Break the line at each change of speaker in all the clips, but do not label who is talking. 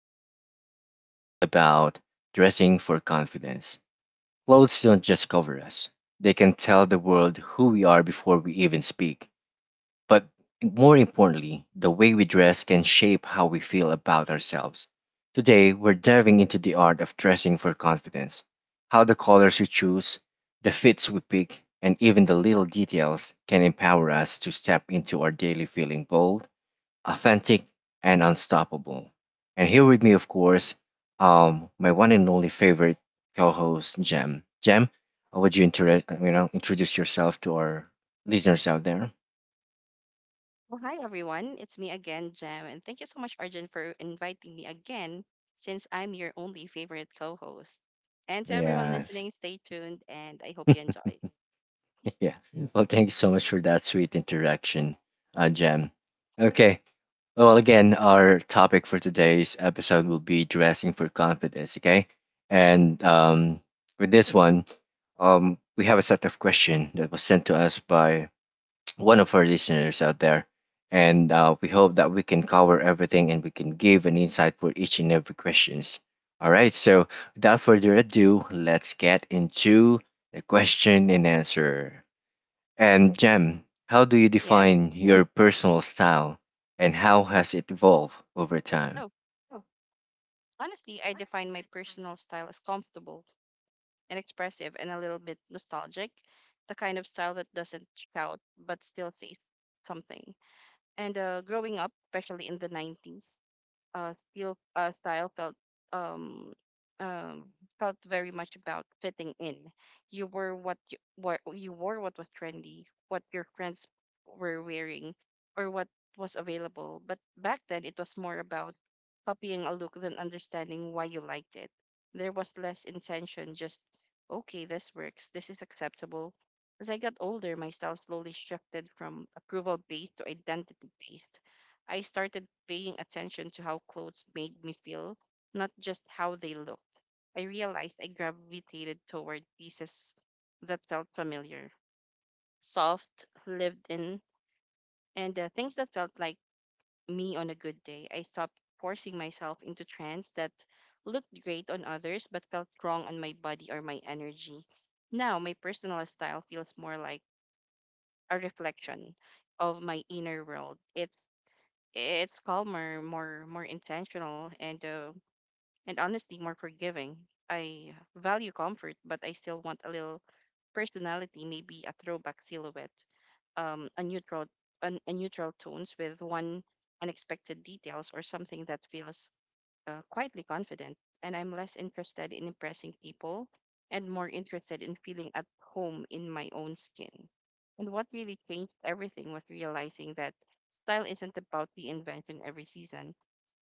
Today's episode will be about dressing for confidence. Clothes don't just cover us, they can tell the world who we are before we even speak. But more importantly, the way we dress can shape how we feel about ourselves. Today, we're diving into the art of dressing for confidence, how the colors we choose, the fits we pick, and even the little details can empower us to step into our daily feeling bold, authentic, and unstoppable. And here with me, of course, my one and only favorite co-host, Jem. Jem, how would you inter- you know introduce yourself to our listeners out there?
Well, hi everyone. It's me again, Jem, and thank you so much, Arjun, for inviting me again since I'm your only favorite co-host. And to everyone
Yes.
listening, stay tuned and I hope you enjoy.
Yeah. Well, thank you so much for that sweet interaction, Jem. Okay. Well, again, our topic for today's episode will be dressing for confidence. Okay, and with this one, we have a set of questions that was sent to us by one of our listeners out there. And we hope that we can cover everything and we can give an insight for each and every questions. All right, so without further ado, let's get into the question and answer. And Jem, how do you
Yes.
define your personal style and how has it evolved over time?
Oh, honestly, I define my personal style as comfortable and expressive and a little bit nostalgic, the kind of style that doesn't shout but still says something. And growing up, especially in the 90s, steel style um, um, felt very much about fitting in. You wore what you wore what was trendy, what your friends were wearing, or what was available. But back then, it was more about copying a look than understanding why you liked it. There was less intention, just okay, this works, this is acceptable. As I got older, my style slowly shifted from approval based to identity based. I started paying attention to how clothes made me feel, not just how they looked. I realized I gravitated toward pieces that felt familiar, soft, lived in, and things that felt like me on a good day. I stopped forcing myself into trends that looked great on others but felt wrong on my body or my energy. Now, my personal style feels more like a reflection of my inner world. It's calmer, more intentional, and honestly more forgiving. I value comfort, but I still want a little personality, maybe a throwback silhouette, um, a neutral, a neutral tones with one unexpected details or something that feels quietly confident, and I'm less interested in impressing people and more interested in feeling at home in my own skin. And what really changed everything was realizing that style isn't about reinvention every season,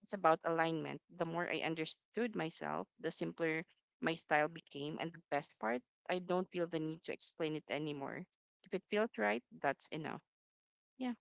it's about alignment. The more I understood myself, the simpler my style became, and the best part, I don't feel the need to explain it anymore. If it feels right, that's enough. Yeah,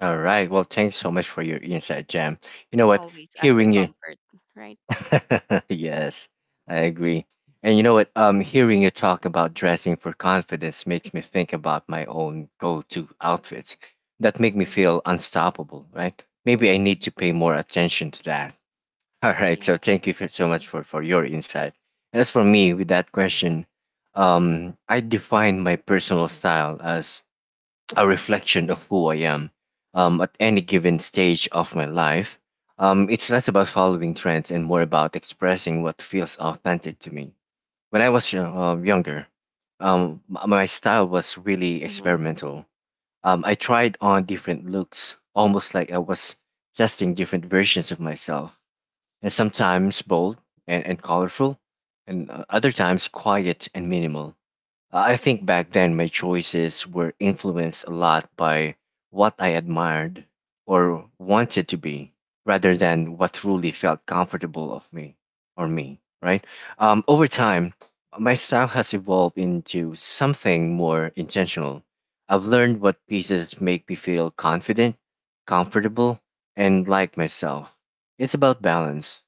All right, well, thanks so much for your insight, Jem. You know what?
always after
Hearing you
comfort, right?
yes, I agree. And you know what? Hearing you talk about dressing for confidence makes me think about my own go-to outfits that make me
Mm-hmm.
feel unstoppable, right? Maybe I need
Mm-hmm.
to pay more attention to that. All right.
Yeah.
So thank so much for your insight. And as for me, with that question, I define my personal style as a reflection of who I am at any given stage of my life. It's less about following trends and more about expressing what feels authentic to me. When I was younger, my style was really
Mm-hmm. Mm-hmm.
experimental. I tried on different looks, almost like I was testing different versions of myself, and sometimes bold and colorful, and other times quiet and minimal. I think back then my choices were influenced a lot by what I admired or wanted to be rather than what truly felt comfortable of me or me, right? Over time, my style has evolved into something more intentional. I've learned what pieces make me feel confident, comfortable, and like myself. It's about balance.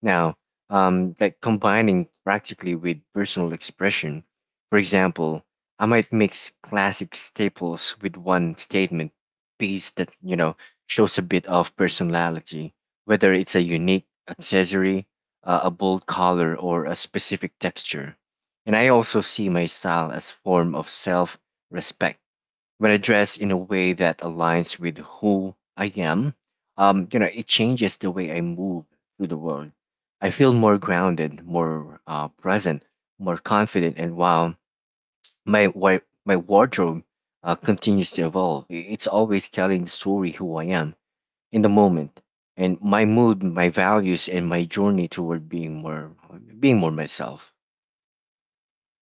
Now, like combining practically with personal expression, for example, I might mix classic staples with one statement piece that, you know, shows a bit of personality, whether it's a unique accessory, a bold color, or a specific texture. And I also see my style as form of self-respect. When I dress in a way that aligns with who I am, you know, it changes the way I move through the world. I feel more grounded, more present, more confident, and while my wa- my wardrobe continues to evolve. I- It's always telling the story who I am in the moment, and my mood, my values, and my journey toward being more myself.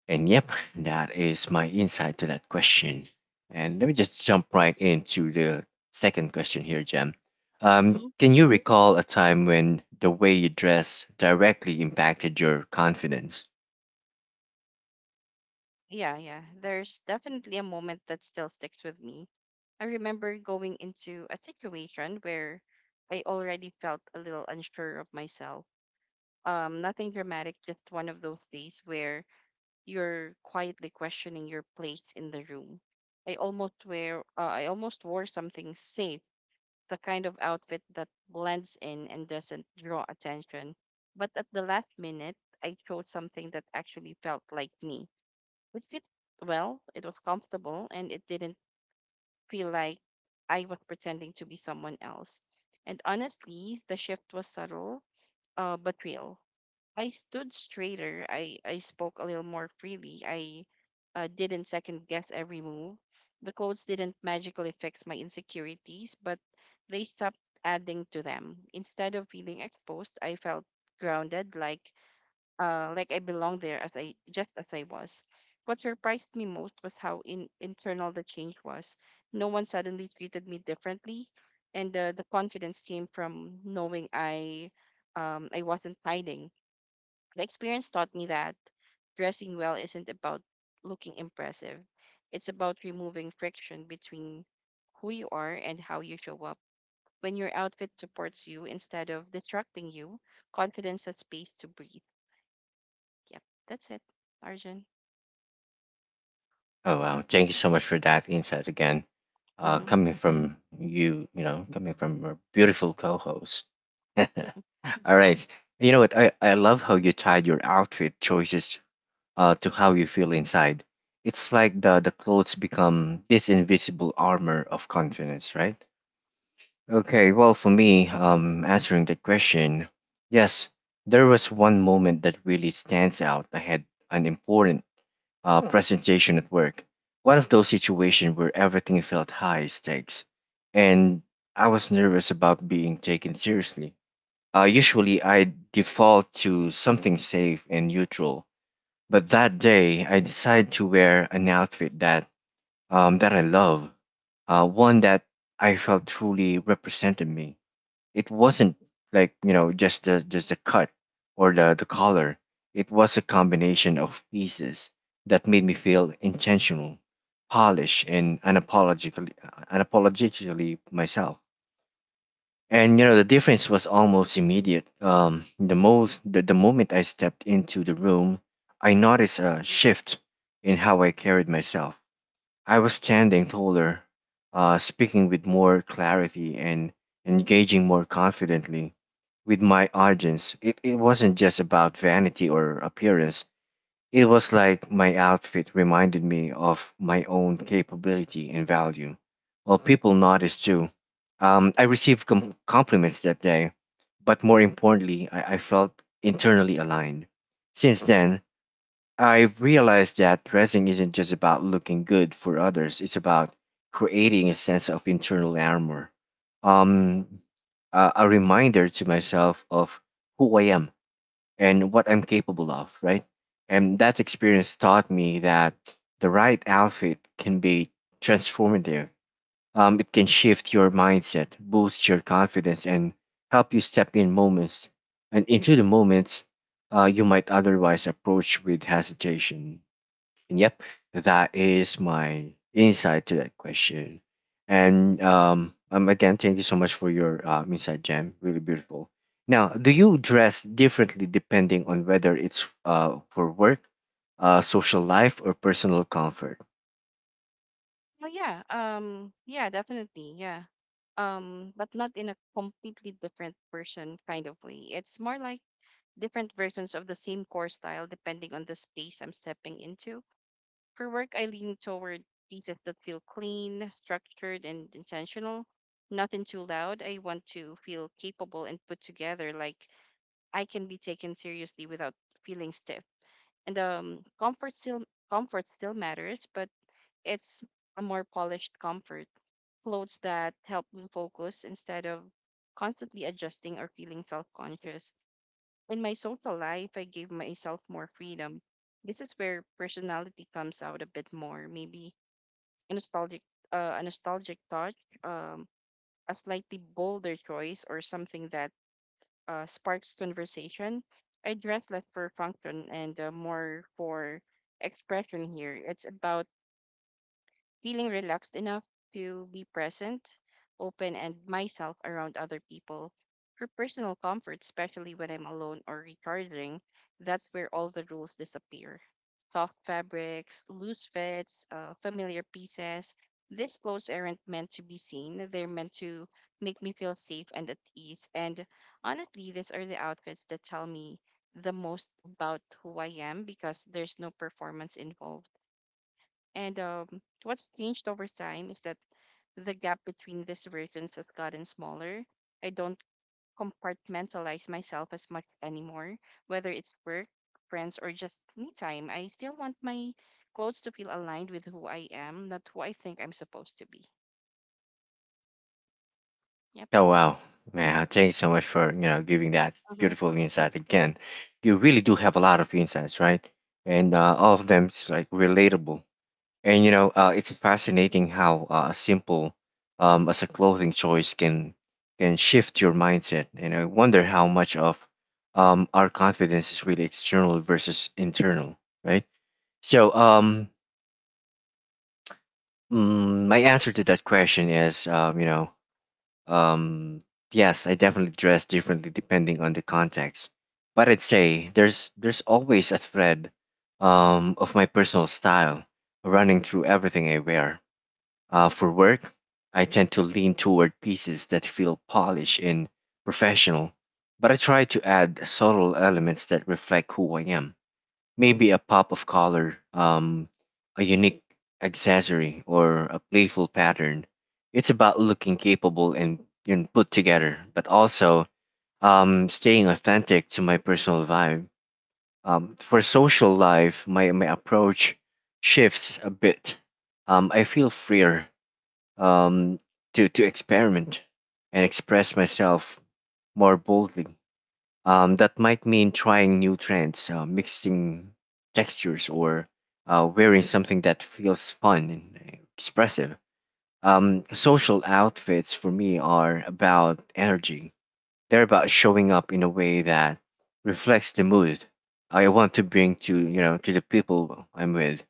And yep, that is my insight to that question. And let me just jump right into the second question here, Jem. Can you recall a time when the way you dress directly impacted your confidence?
Yeah, yeah. There's definitely a moment that still sticks with me. I remember going into a situation where I already felt a little unsure of myself. Nothing dramatic, just one of those days where you're quietly questioning your place in the room. I almost wore something safe, the kind of outfit that blends in and doesn't draw attention. But at the last minute, I chose something that actually felt like me it fit well, it was comfortable, and it didn't feel like I was pretending to be someone else. And honestly, the shift was subtle, but real. I stood straighter. I spoke a little more freely. I didn't second guess every move. The codes didn't magically fix my insecurities, but they stopped adding to them. Instead of feeling exposed, I felt grounded, like I belonged there as I just as I was. What surprised me most was how internal the change was. No one suddenly treated me differently, and the confidence came from knowing I wasn't hiding. The experience taught me that dressing well isn't about looking impressive. It's about removing friction between who you are and how you show up. When your outfit supports you instead of distracting you, confidence has space to breathe. Yep, that's it, Arjun.
Oh wow! Thank you so much for that insight again.
Mm-hmm.
Coming from you, you know, coming from a beautiful co-host. All right. You know what? I love how you tied your outfit choices to how you feel inside. It's like the clothes become this invisible armor of confidence, right? Okay, well, for me, answering the question, yes, there was one moment that really stands out. I had an important Hmm. presentation at work. One of those situations where everything felt high stakes, and I was nervous about being taken seriously. Usually, I default to something safe and neutral, but that day I decided to wear an outfit that that I love, one that I felt truly represented me, it wasn't like, you know, just the cut or the color, it was a combination of pieces that made me feel intentional, polished, and unapologetically myself, and you know the difference was almost immediate. The moment I stepped into the room, I noticed a shift in how I carried myself. I was standing taller, speaking with more clarity, and engaging more confidently with my audience. It wasn't just about vanity or appearance, it was like my outfit reminded me of my own capability and value. Well, people noticed too. I received compliments that day, but more importantly, I felt internally aligned. Since then, I've realized that dressing isn't just about looking good for others, it's about creating a sense of internal armor. Um, a reminder to myself of who I am and what I'm capable of, right? And that experience taught me that the right outfit can be transformative, it can shift your mindset, boost your confidence, and help you step in moments and into the moments you might otherwise approach with hesitation. And yep, that is my insight to that question. And again, thank you so much for your insight, Jam. Really beautiful. Now, do you dress differently depending on whether it's for work, social life, or personal comfort?
Oh yeah, yeah, definitely, yeah. But not in a completely different version kind of way. It's more like different versions of the same core style depending on the space I'm stepping into. For work, I lean toward pieces that feel clean, structured, and intentional. Nothing too loud. I want to feel capable and put together, like I can be taken seriously without feeling stiff. And comfort still matters, but it's a more polished comfort, clothes that help me focus instead of constantly adjusting or feeling self conscious. In my social life, I gave myself more freedom. This is where personality comes out a bit more, maybe a nostalgic, a nostalgic touch, um, a slightly bolder choice, or something that sparks conversation. I dress less for function and more for expression here. It's about feeling relaxed enough to be present, open, and myself around other people. For personal comfort, especially when I'm alone or recharging, that's where all the rules disappear. Soft fabrics, loose fits, familiar pieces. These clothes aren't meant to be seen. They're meant to make me feel safe and at ease. And honestly, these are the outfits that tell me the most about who I am because there's no performance involved and what's changed over time is that the gap between these versions has gotten smaller. I don't compartmentalize myself as much anymore, whether it's work, friends, or just me time. I still want my clothes to feel aligned with who I am, not who I think I'm supposed to be. Yep.
Oh wow, man! Thanks so much for, you know, giving that
Mm-hmm.
beautiful insight again. You really do have a lot of insights, right? And all of them is like relatable. And you know, it's fascinating how a simple, as a clothing choice can shift your mindset. And I wonder how much of our confidence is really external versus internal, right? So, my answer to that question is, Um, yes, I definitely dress differently depending on the context, but I'd say there's always a thread of my personal style running through everything I wear. For work, I tend to lean toward pieces that feel polished and professional, but I try to add subtle elements that reflect who I am. Maybe a pop of color, a unique accessory, or a playful pattern. It's about looking capable and, you know, put together, but also staying authentic to my personal vibe. For social life, my approach shifts a bit. I feel freer, um, to experiment and express myself more boldly. That might mean trying new trends, mixing textures, or wearing something that feels fun and expressive. Social outfits for me are about energy. They're about showing up in a way that reflects the mood I want to bring to, you know, to the people I'm with.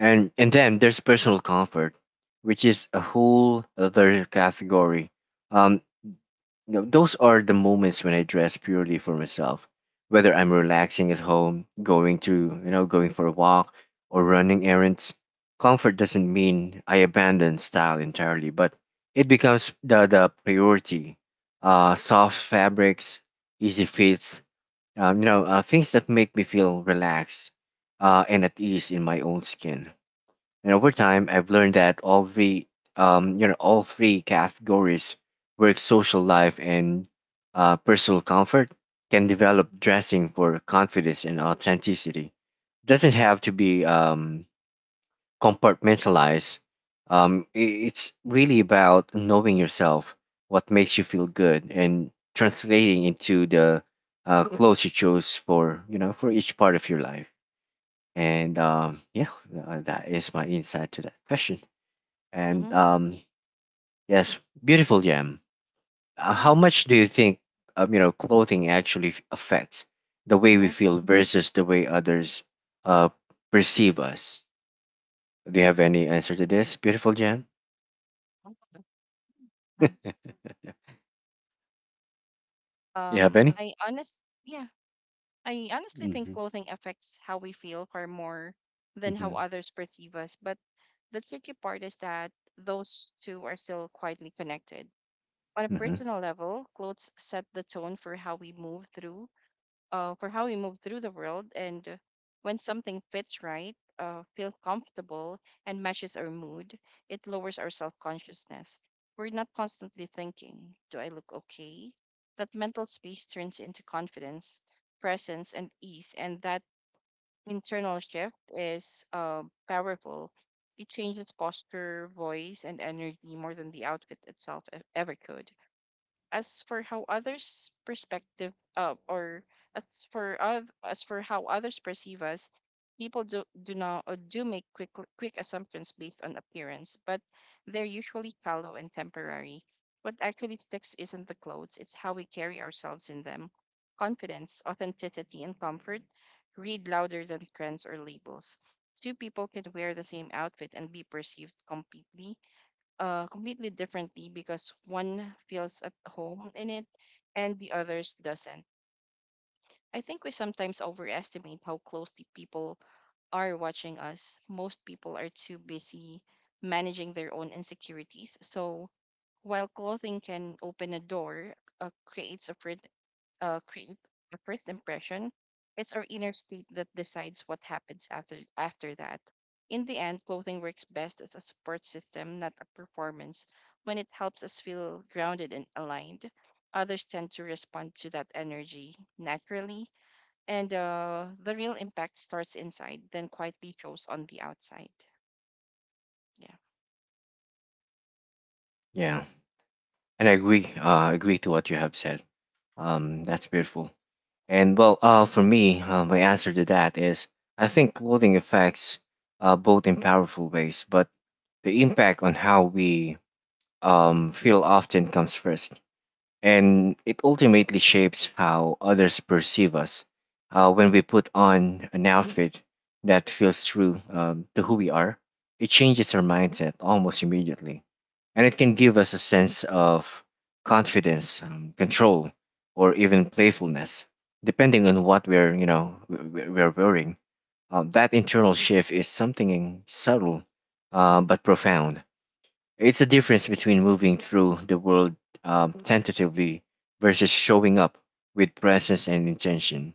And then there's personal comfort, which is a whole other category. Um, you know, those are the moments when I dress purely for myself, whether I'm relaxing at home, you know, going for a walk or running errands. Comfort doesn't mean I abandon style entirely, but it becomes the priority. Soft fabrics, easy fits, you know, things that make me feel relaxed and at ease in my own skin. And over time, I've learned that all three, you know, all three categories, work, social life, and personal comfort, can develop dressing for confidence and authenticity. Doesn't have to be compartmentalized. It's really about knowing yourself, what makes you feel good, and translating into the clothes you chose for, you know, for each part of your life. And yeah, that is my insight to that question. And
Mm-hmm.
yes, beautiful Jam.
Yeah.
How much do you think you know clothing actually affects the way we
Mm-hmm.
feel versus the way others uh, perceive us? Do you have any answer to this, beautiful Jam? You have
Um,
any?
I honest, yeah, I honestly think
Mm-hmm.
clothing affects how we feel far more than how
Mm-hmm.
others perceive us, but the tricky part is that those two are still quietly connected. On a
Mm-hmm.
personal level, clothes set the tone for how we move through the world, and when something fits right, feels comfortable, and matches our mood, it lowers our self consciousness. We're not constantly thinking, "Do I look okay?" That mental space turns into confidence, presence, and ease, and that internal shift is powerful. It changes posture, voice, and energy more than the outfit itself ever could. As for how others' perspective, or as for oth- as for how others perceive us, people do do not do make quick assumptions based on appearance, but they're usually shallow and temporary. What actually sticks isn't the clothes; it's how we carry ourselves in them. Confidence, authenticity, and comfort read louder than trends or labels. Two people can wear the same outfit and be perceived completely differently because one feels at home in it and the others doesn't. I think we sometimes overestimate how closely people are watching us. Most people are too busy managing their own insecurities. So while clothing can open a door, uh, creates a fr- create a first impression. It's our inner state that decides what happens after that. In the end, clothing works best as a support system, not a performance. When it helps us feel grounded and aligned, others tend to respond to that energy naturally, and the real impact starts inside, then quietly shows on the outside. Yeah.
Yeah, and I agree. Agree to what you have said. That's beautiful. And well, for me, my answer to that is I think clothing affects both in powerful ways, but the impact on how we feel often comes first, and it ultimately shapes how others perceive us. When we put on an outfit that feels true to who we are, it changes our mindset almost immediately, and it can give us a sense of confidence, control, or even playfulness, depending on what we're, you know, we're wearing. That internal shift is something subtle, but profound, it's a difference between moving through the world tentatively versus showing up with presence and intention.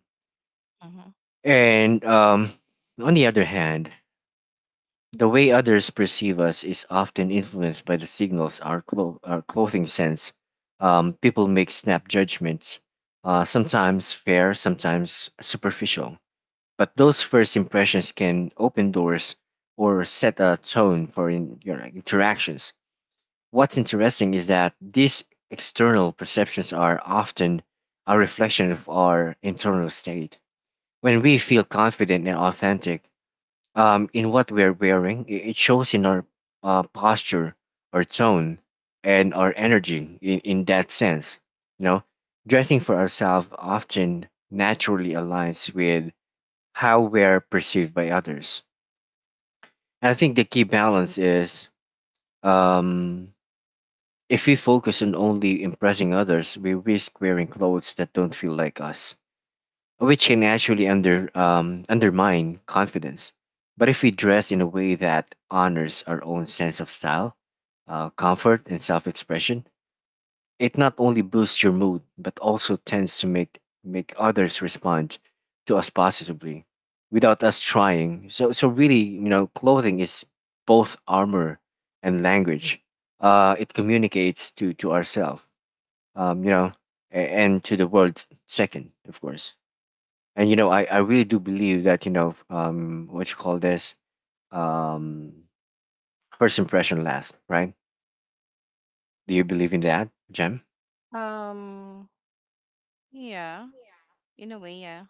Hmm.
And On the other hand, the way others perceive us is often influenced by the signals our clothing sense. People make snap judgments, sometimes fair, sometimes superficial. But those first impressions can open doors or set a tone for your interactions. What's interesting is that these external perceptions are often a reflection of our internal state. When we feel confident and authentic, in what we're wearing, it shows in our posture, our tone, and our energy in that sense. You know, dressing for ourselves often naturally aligns with how we're perceived by others. And I think the key balance is, um, if we focus on only impressing others, we risk wearing clothes that don't feel like us, which can actually undermine confidence. But if we dress in a way that honors our own sense of style, comfort, and self expression, it not only boosts your mood, but also tends to make others respond to us positively without us trying. So really, you know, clothing is both armor and language. It communicates to ourselves, um, you know, and to the world second, of course. And you know, I really do believe that, you know, what you call this, um, first impression last, right? Do you believe in that, Jem?
Um. Yeah. In a way, yeah.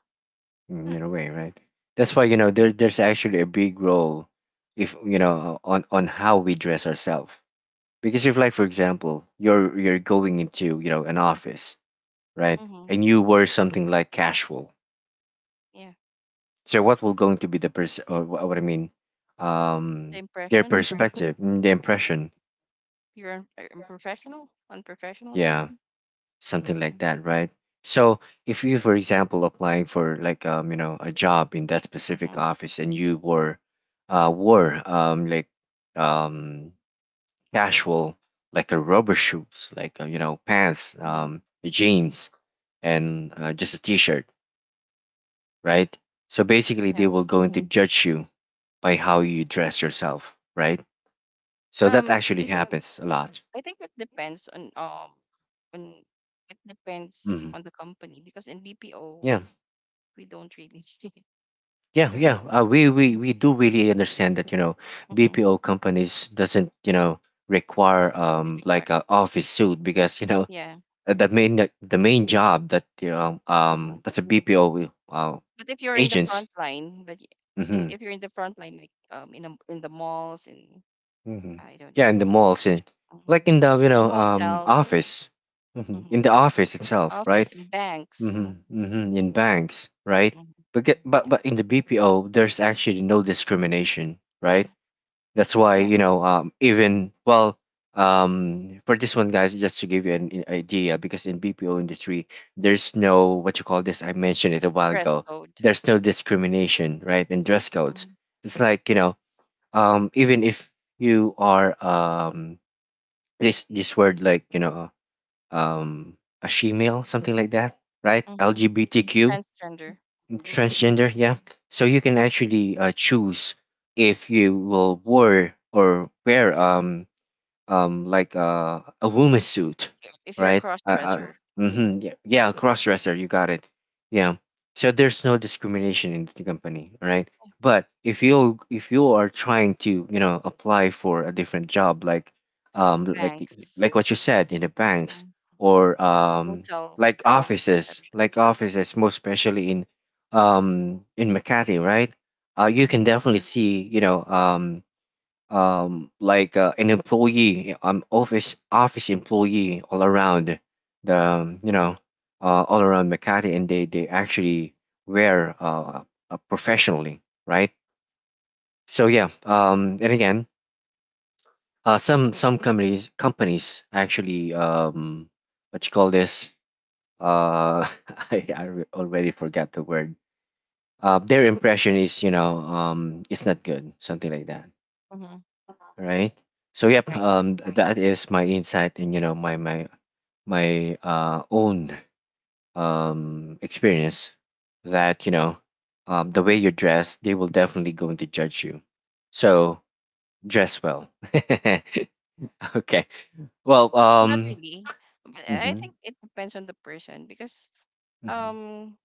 Mm, in a way, right? That's why, you know, there
Mm-hmm.
there's actually a big role if you know on how we dress ourselves. Because if, like, for example, you're going into, you know, an office, right?
Mm-hmm.
And you wear something like casual.
Yeah.
So what will going to be the person or what I mean,
The
um their
impression.
perspective, mm, the
Yes.
impression,
You're unprofessional, or
yeah,
something.
something like that, right? So if you, for example, applying for like you know a job in that specific
Mm-hmm.
office and you were, wore like um casual, like a rubber shoes like you know pants
Mm-hmm.
jeans and just a t-shirt, right? So basically they
Yeah.
will going to, mhm, judge you by how you dress yourself, right? So that
Um,
actually, mhm, happens a lot.
I think it depends on
Hmm.
on the company because in BPO
Yeah.
we don't really. I
Yeah,
don't
yeah.
know.
We do really understand that, you know,
Mm-hmm.
BPO companies doesn't, you know, require
Doesn't really
like a
require.
office suit because, you know,
Yeah.
uh, the main the main job that you know
Uh-huh.
that's a BPO
But if you're in the
agents.
front line, but y- and
Mhm.
if you're in the front line, like in the malls in
Mhm.
I don't
Yeah,
know
in the
I don't know
malls
which
and
mhm,
like in the, you
in
know,
hotels,
office. Mhm. In
mhm,
the office itself, right?
office in banks. Mm-hmm.
Mhm. Mhm. In banks, right?
Mm-hmm.
But get,
Yeah.
but in the BPO there's actually no discrimination,
Yeah.
right? That's why
Yeah.
you know even well, for this one, guys, just to give you an idea, because in BPO industry, there's no what you call this. I mentioned it a while
Dress
ago.
code.
There's no discrimination, right, in dress codes.
Mhm.
It's like you know even if you are this word like you know, um, a shemale, something like that, right?
Mhm.
LGBTQ
Transgender. Mhm.
transgender, yeah, so you can actually choose if you will wear or wear like a woman's suit,
If you're a
right?
cross dresser. Mhm.
Mm-hmm, yeah, yeah, cross dresser. You got it. Yeah. So there's no discrimination in the company, right?
Yeah.
But if you are trying to you know apply for a different job, um like
Banks.
like what you said in the banks
Mhm.
or
Hotel
like
receptionist.
offices, most especially in Makati, right? You can
Mm-hmm.
definitely see you know like an employee, office employee all around the you know all around Makati, and they actually wear professionally, right? So yeah, and again, some some companies actually, what you call this? Uh, already forgot the word. Their impression is you know it's not good, something like that,
Mm-hmm.
right. So yep,
Right.
that is my insight and you know my own experience that you know the way
Mm-hmm.
you dress they will definitely going to judge you. So dress well. Okay. Well,
Not really. But I
hmm,
think it depends on the person because
hmm,
um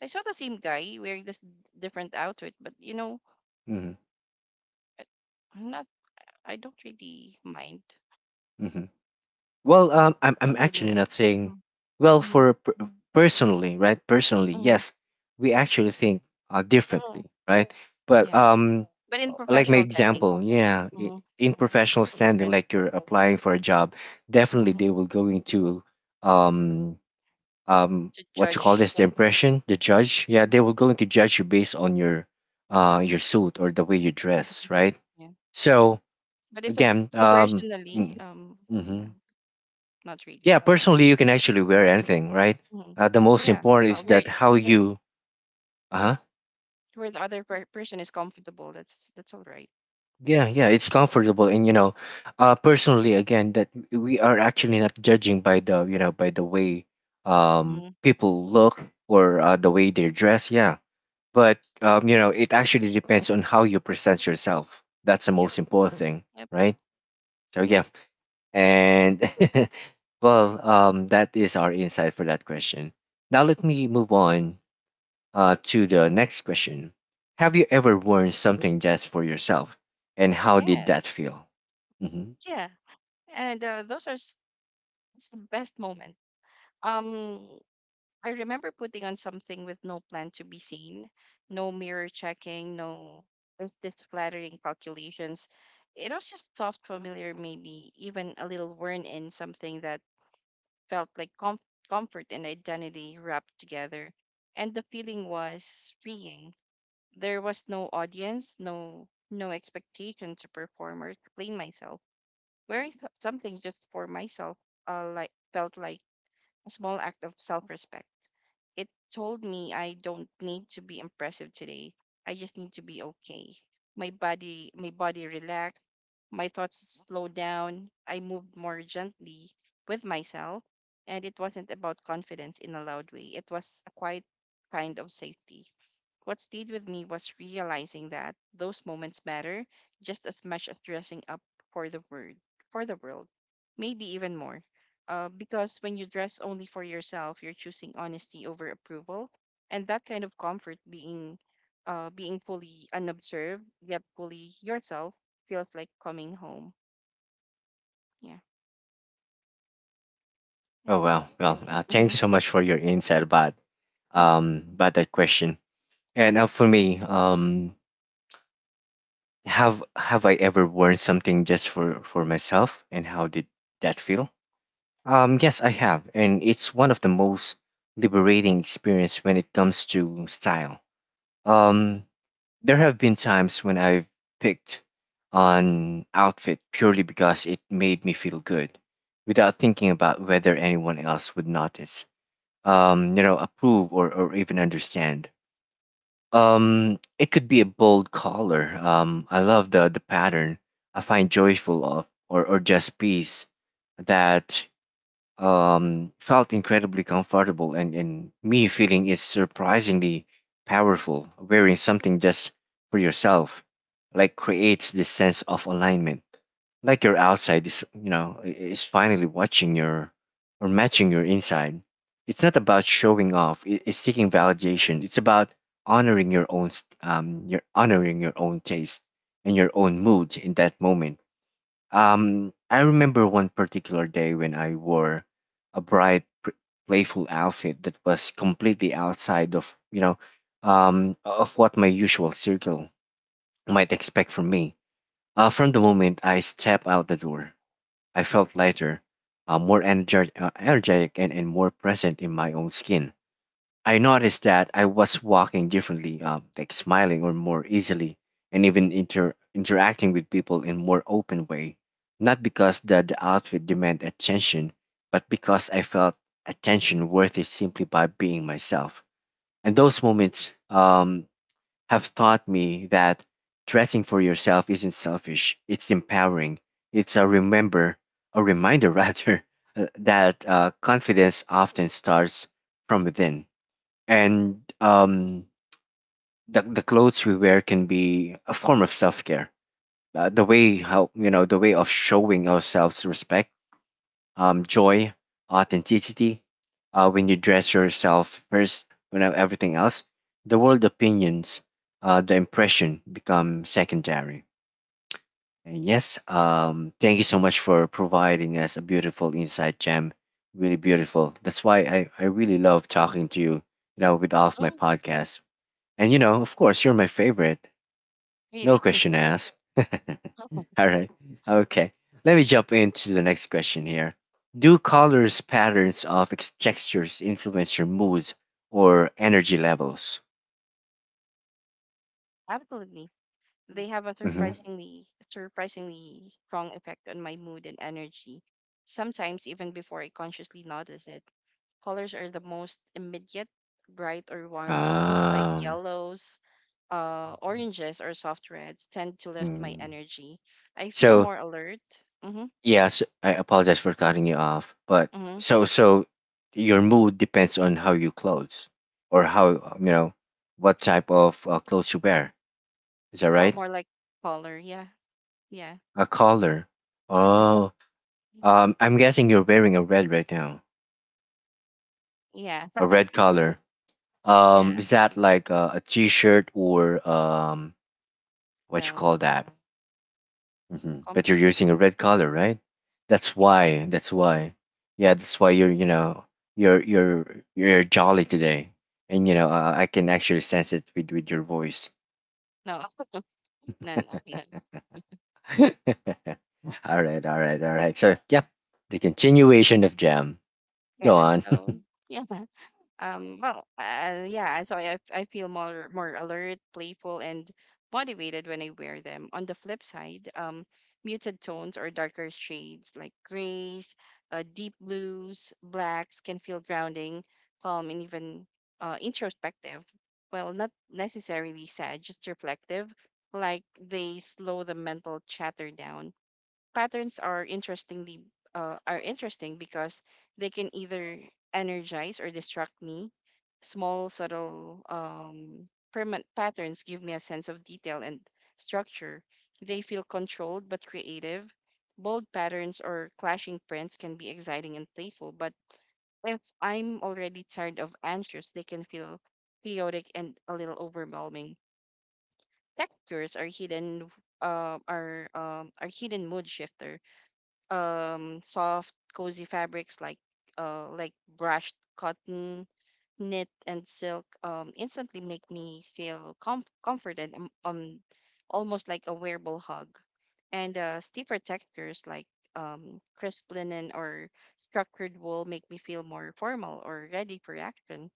I saw the same guy wearing this different outfit, but
hmm,
I- I'm not. I don't really mind.
hmm. Well, I'm
Don't really
actually
mind.
not saying,
Mm-hmm.
well,
Mm-hmm.
personally, right, personally,
Mm-hmm.
yes, we actually think
Hmm.
differently, right? But
Yeah. But in
like my
professional setting,
example, yeah,
mm-hmm.
in professional
it's
standing
different.
like you're applying for a job, definitely they
Mm-hmm.
will go into um
To
what you call
judge,
this, the impression, the judge, yeah, they
uh-huh,
will go into judge you based on your suit
first.
or the way you dress,
Mhm.
right?
Yeah.
So
But if it's
again,
personally,
mm, mm-hmm.
no, not
Yeah,
really.
personally you can actually
Uh,
wear anything, right?
mhm.
The most
Yeah.
important
Uh,
is
where
that how you, uh-huh.
where the other person is comfortable, that's all right.
Yeah, yeah, it's comfortable, and you know, personally, again, that we are actually not judging by the you know by the way
Mhm.
people look or the way they dress. Yeah, but you know, it actually depends on how you present yourself. That's the most
Yep.
important thing,
Yep.
right? So yeah,
Yeah.
and well, that is our insight for that question. Now let me move on to the next question. Have you ever worn something just for yourself, and how did that
Yes.
feel? Hmm.
Yeah. And those are s- It's the best moment. Um, I remember putting on something with no plan to be seen, no mirror checking, no instant flattering calculations. It was just soft, familiar, maybe even a little worn in something that felt like comfort and identity wrapped together. And the feeling was freeing. There was no audience, no expectation to perform or explain myself. Wearing something just for myself, like felt like a small act of self respect. It told me I don't need to be impressive today. I just need to be okay. My body relaxed, my thoughts slowed down, I moved more gently with myself, and it wasn't about confidence in a loud way. It was a quiet kind of safety. What stayed with me was realizing that those moments matter just as much as dressing up for the word for the world, maybe even more. Because when you dress only for yourself, you're choosing honesty over approval, and that kind of comfort being fully unobserved yet fully yourself feels like coming home. Yeah,
Oh
yeah,
well, well.
and,
Thanks
mhm,
so much for your insight
yeah,
about that question. And for
mhm,
me, have I ever worn something just for myself, and how did that feel? Yes, I have, and it's one of the most liberating experience when it comes to style. Um, There have been times when I've picked an outfit purely because it made me feel good without thinking about whether anyone else would notice, you know, approve or even understand. It could be a bold color. I love the pattern. I find joyful of or just peace that felt incredibly comfortable, and me feeling is surprisingly powerful. Wearing something just for yourself, like creates this sense of alignment, like your outside is you know is finally watching your or matching your inside. It's not about showing off. It's seeking validation. It's about honoring your own your honoring your own taste and your own mood in that moment. I remember one particular day when I wore a bright, playful outfit that was completely outside of, you know, of what my usual circle might expect from me. From the moment I stepped out the door, I felt lighter, energetic and more present in my own skin. I noticed that I was walking differently, like smiling or more easily, and even interacting with people in more open way. Not because the outfit demanded attention, but because I felt attention worthy simply by being myself. And those moments, have taught me that dressing for yourself isn't selfish. It's empowering. It's a reminder rather, that confidence often starts from within, and the clothes we wear can be a form of self care. The way how you know the way of showing ourselves respect, joy, authenticity. When you dress yourself first, when everything else, the world opinions, the impression become secondary. And yes, thank you so much for providing us a beautiful insight, Jam. Really beautiful. That's why I really love talking to you, you know, with all of my podcasts. And you know, of course, you're my favorite.
really,
No question asked. All right. Okay. Let me jump into the next question here. Do colors, patterns of textures influence your moods or energy levels?
absolutely. They have a
Mm-hmm.
surprisingly strong effect on my mood and energy. Sometimes even before I consciously notice it, colors are the most immediate bright or warm tones like
Um.
yellows oranges or soft reds tend to lift my
Mm.
energy. I feel
So
more alert. Mm-hmm,
yes, I apologize for cutting you off, but
mm-hmm.
so your mood depends on how you clothes or how you know what type of clothes you wear. Is that
Well,
right?
more like color. Yeah, yeah,
A color. Oh, I'm guessing you're wearing a red right now,
yeah,
a red color.
yeah.
Is that like a t-shirt or what you
No
call that? Hmm. But you're
comfort.
using a red color, right? That's why. That's why. Yeah, that's why you're. You know, you're you're you're jolly today, and you know I can actually sense it with your voice.
No, no, no, no.
All right, all right, all right. So yeah, the continuation of Jam. Go
Yeah.
on.
So yeah. Well, yeah, so I feel more alert, playful, and motivated when I wear them. On the flip side, muted tones or darker shades like grays, deep blues, blacks can feel grounding, calm, and even introspective. Well, not necessarily sad, just reflective, like they slow the mental chatter down. Patterns are interesting because they can either energize or distract me. Small, subtle, permanent patterns give me a sense of detail and structure. They feel controlled but creative. Bold patterns or clashing prints can be exciting and playful, but if I'm already tired of anxious, they can feel chaotic and a little overwhelming. Textures are hidden mood shifter. Soft cozy fabrics like uh like brushed cotton, knit, and silk instantly make me feel comforted, almost like a wearable hug. And stiffer textures like crisp linen or structured wool make me feel more formal or ready for action.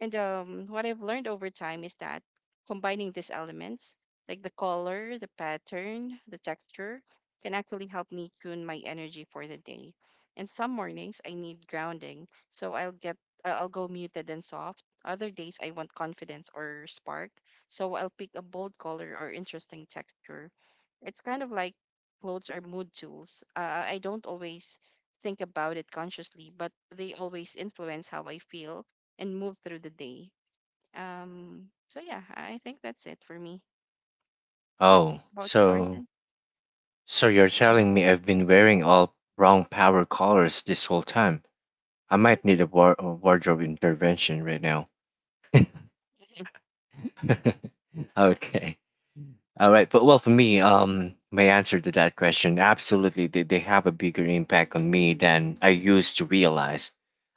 And What I've learned over time is that combining these elements, like the color, the pattern, the texture, can actually help me tune my energy for the day. And some mornings I need grounding, so I'll go muted and soft. Other days I want confidence or spark, so I'll pick a bold color or interesting texture. It's kind of like clothes are mood tools. I don't always think about it consciously, but they always influence how I feel and move through the day. So yeah, I think that's it for me. Yes,
Oh,
about yours.
so, so you're
Mhm.
telling me I've been wearing all wrong power colors this whole time? I might need a, a wardrobe intervention right now. Okay. All right. But well, for me, my answer to that question, absolutely, they have a bigger impact on me than I used to realize.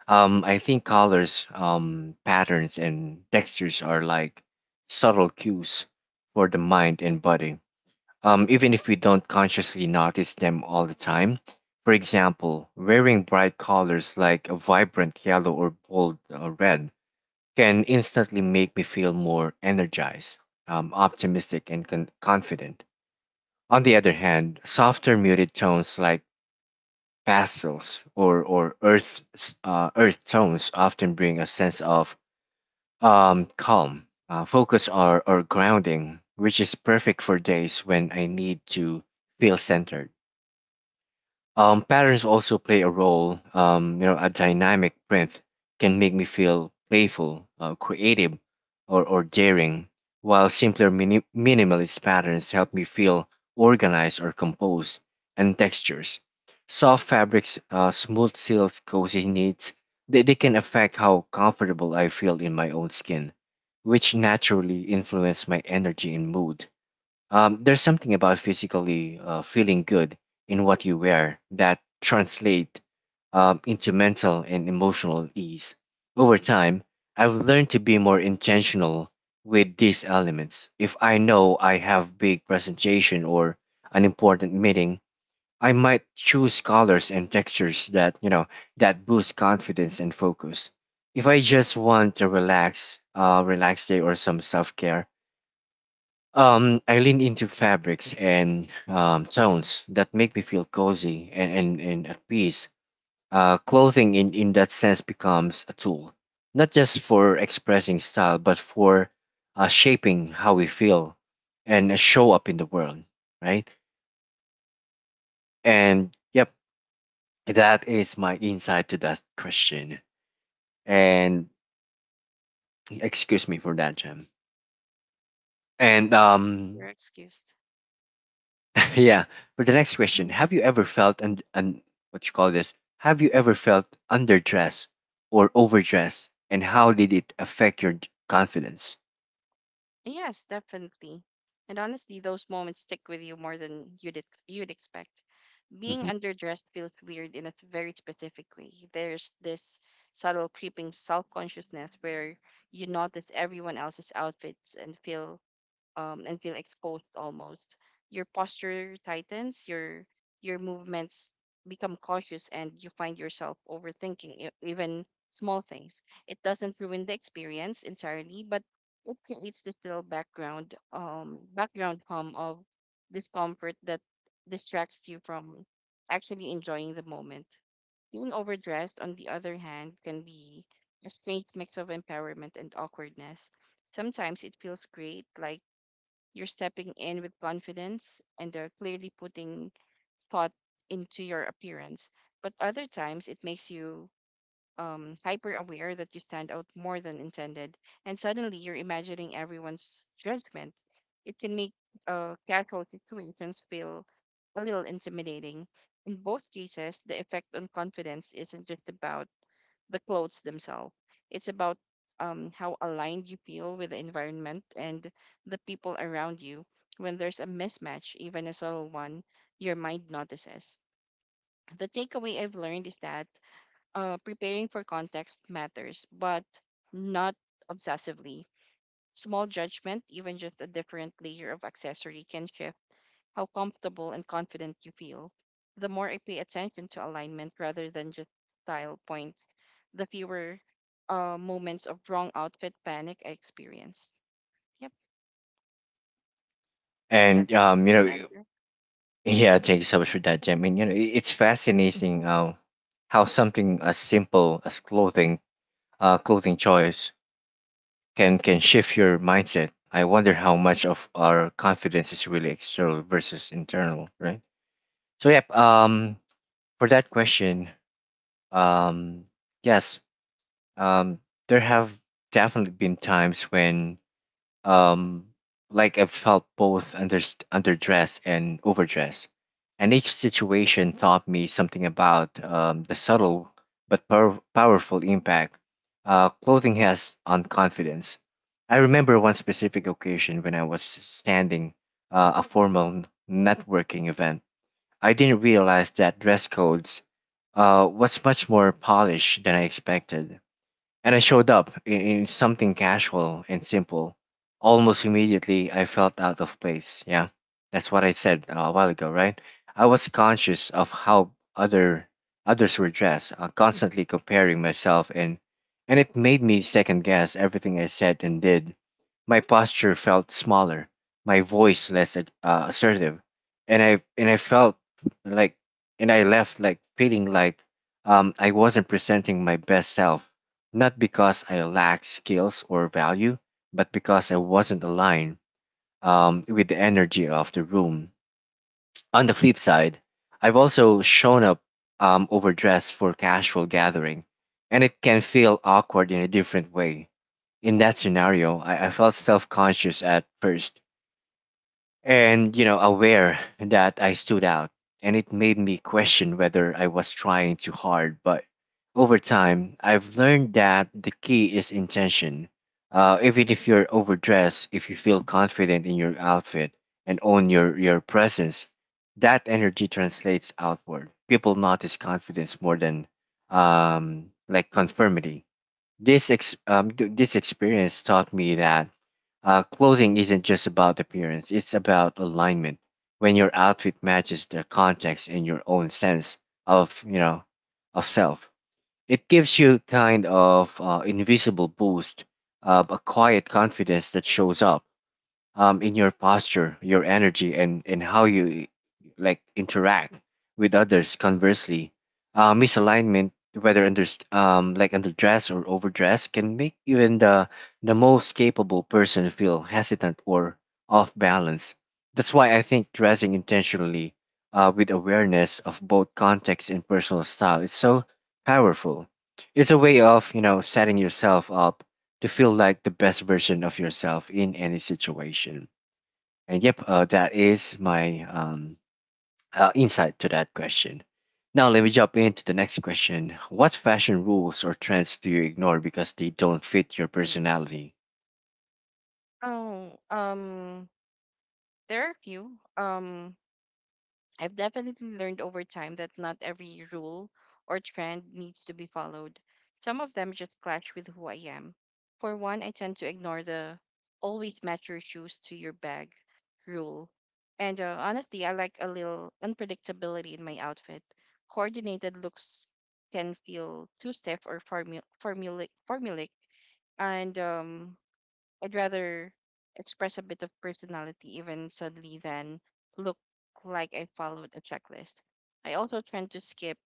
I think colors, patterns, and textures are like subtle cues for the mind and body, even if we don't consciously notice them all the time. For example, wearing bright colors like a vibrant yellow or bold red can instantly make me feel more energized, optimistic, and confident. On the other hand, softer muted tones like pastels or earth, earth tones often bring a sense of calm, focus, or grounding, which is perfect for days when I need to feel centered. Patterns also play a role. A dynamic print can make me feel playful, creative, or daring, while simpler minimalist patterns help me feel organized or composed. And textures, soft fabrics, smooth silks, cozy knits, they can affect how comfortable I feel in my own skin, which naturally influence my energy and mood. There's something about physically feeling good in what you wear that translate into mental and emotional ease. Over time, I've learned to be more intentional with these elements. If I know I have big presentation or an important meeting, I might choose colors and textures that that boost confidence and focus. If I just want to relax, relax day or some self care, I lean into fabrics and tones that make me feel cozy and at peace. Clothing in that sense becomes a tool, not just for expressing style, but for shaping how we feel and show up in the world, right? And yep, that is my insight to that question. And excuse me for that, Jem. And
You're excused.
yeah. For the next question,
Mhm.
have you ever felt and what you call this? Have you ever felt underdressed or overdressed, and how did it affect your confidence?
Yes, definitely. And honestly, those moments stick with you more than you'd expect. Being
Hmm.
underdressed feels weird in a very specific way. There's this subtle creeping self-consciousness where you notice everyone else's outfits and feel exposed almost. Your posture tightens, your movements become cautious, and you find yourself overthinking even small things. It doesn't ruin the experience entirely, but it creates the still background hum of discomfort that distracts you from actually enjoying the moment. Being overdressed, on the other hand, can be a strange mix of empowerment and awkwardness. Sometimes it feels great, like you're stepping in with confidence and they're clearly putting thought into your appearance. But other times it makes you hyper aware that you stand out more than intended, and suddenly you're imagining everyone's judgment. It can make casual situations feel a little intimidating. In both cases, the effect on confidence isn't just about the clothes themselves. It's about how aligned you feel with the environment and the people around you. When there's a mismatch, even a subtle one, your mind notices. The takeaway I've learned is that preparing for context matters, but not obsessively. Small judgment, even just a different layer of accessory, can shift how comfortable and confident you feel. The more I pay attention to alignment rather than just style points, the fewer moments of wrong outfit panic I experienced. Yep,
And
that's the answer.
yeah. Thank you so much for that, Jem. And you know, it's fascinating how something as simple as clothing, clothing choice can shift your mindset. I wonder how much of our confidence is really external versus internal, right? So yeah. For that question, Um, yes, um, there have definitely been times when, um, I've felt both under underdressed and overdressed, and each situation taught me something about the subtle but powerful impact clothing has on confidence. I remember one specific occasion when I was standing a formal networking event. I didn't realize that dress codes was much more polished than I expected. And I showed up in something casual and simple. Almost immediately, I felt out of place. Yeah, that's what I said a while ago, right? I was conscious of how other others were dressed, constantly comparing myself, and it made me second guess everything I said and did. My posture felt smaller, my voice less assertive, and I felt like and I left like feeling like I wasn't presenting my best self, not because I lacked skills or value, but because I wasn't aligned with the energy of the room. On the flip side, I've also shown up overdressed for casual gathering, and it can feel awkward in a different way. In that scenario, I felt self conscious at first and aware that I stood out, and it made me question whether I was trying too hard. But over time I've learned that the key is intention. Even if you're overdressed, if you feel confident in your outfit and own your presence, that energy translates outward. People notice confidence more than conformity. This experience taught me that clothing isn't just about appearance; it's about alignment. When your outfit matches the context and your own sense of of self, it gives you kind of invisible boost, a quiet confidence that shows up in your posture, your energy, and how you interact with others. Conversely, misalignment, whether under underdressed or overdressed, can make even the most capable person feel hesitant or off balance. That's why I think dressing intentionally, with awareness of both context and personal style, is so powerful. It's a way of setting yourself up to feel like the best version of yourself in any situation. And yep, that is my insight to that question. Now, let me jump into the next question. What fashion rules or trends do you ignore because they don't fit your personality?
Oh, um, there are a few. I've definitely learned over time that not every rule or trend needs to be followed. Some of them just clash with who I am. For one, I tend to ignore the always match your shoes to your bag rule. And honestly, I like a little unpredictability in my outfit. Coordinated looks can feel too stiff or formulaic. And I'd rather express a bit of personality even subtly than look like I followed a checklist. I also tend to skip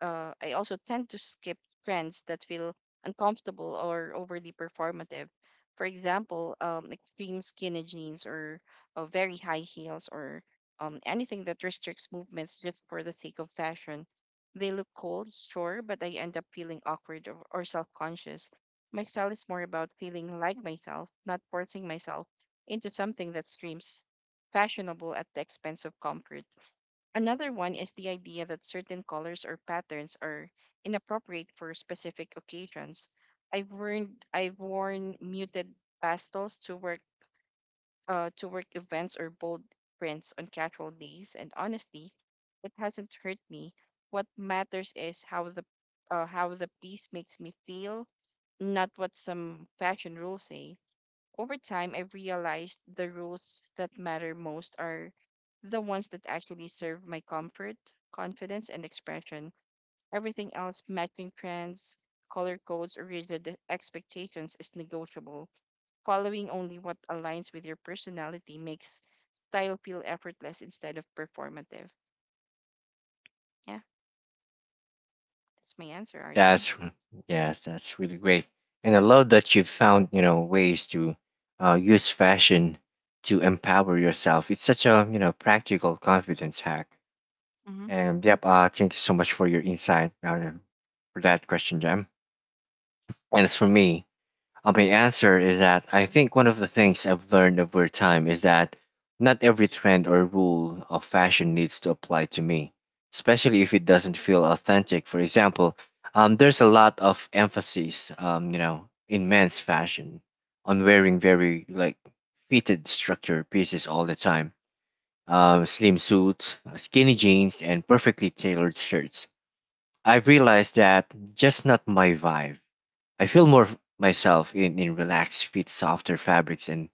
I also tend to skip trends that feel uncomfortable or overly performative. For example, extreme skinny jeans or very high heels or anything that restricts movements just for the sake of fashion. They look cool, sure, but I end up feeling awkward or self conscious. My style is more about feeling like myself, not forcing myself into something that screams fashionable at the expense of comfort. Another one is the idea that certain colors or patterns are inappropriate for specific occasions. I've worn muted pastels to work events or bold prints on casual days, and honestly, it hasn't hurt me. What matters is how the piece makes me feel, not what some fashion rules say. Over time, I realized the rules that matter most are the ones that actually serve my comfort, confidence, and expression. Everything else, matching trends, color codes, or rigid expectations, is negotiable. Following only what aligns with your personality makes style feel effortless instead of performative. Yeah, that's my answer, Arjun.
That's, yes, that's really great. And I love that you found, you know, ways to use fashion to empower yourself. It's such a, you know, practical confidence hack.
Mm-hmm.
And yep, thank you so much for your insight for that question, Jam. And as for me, my answer is that I think one of the things I've learned over time is that not every trend or rule of fashion needs to apply to me, especially if it doesn't feel authentic. For example, there's a lot of emphasis, in men's fashion on wearing very fitted structure pieces all the time, slim suits, skinny jeans, and perfectly tailored shirts. I realized that just not my vibe. I feel more myself in relaxed fit, softer fabrics and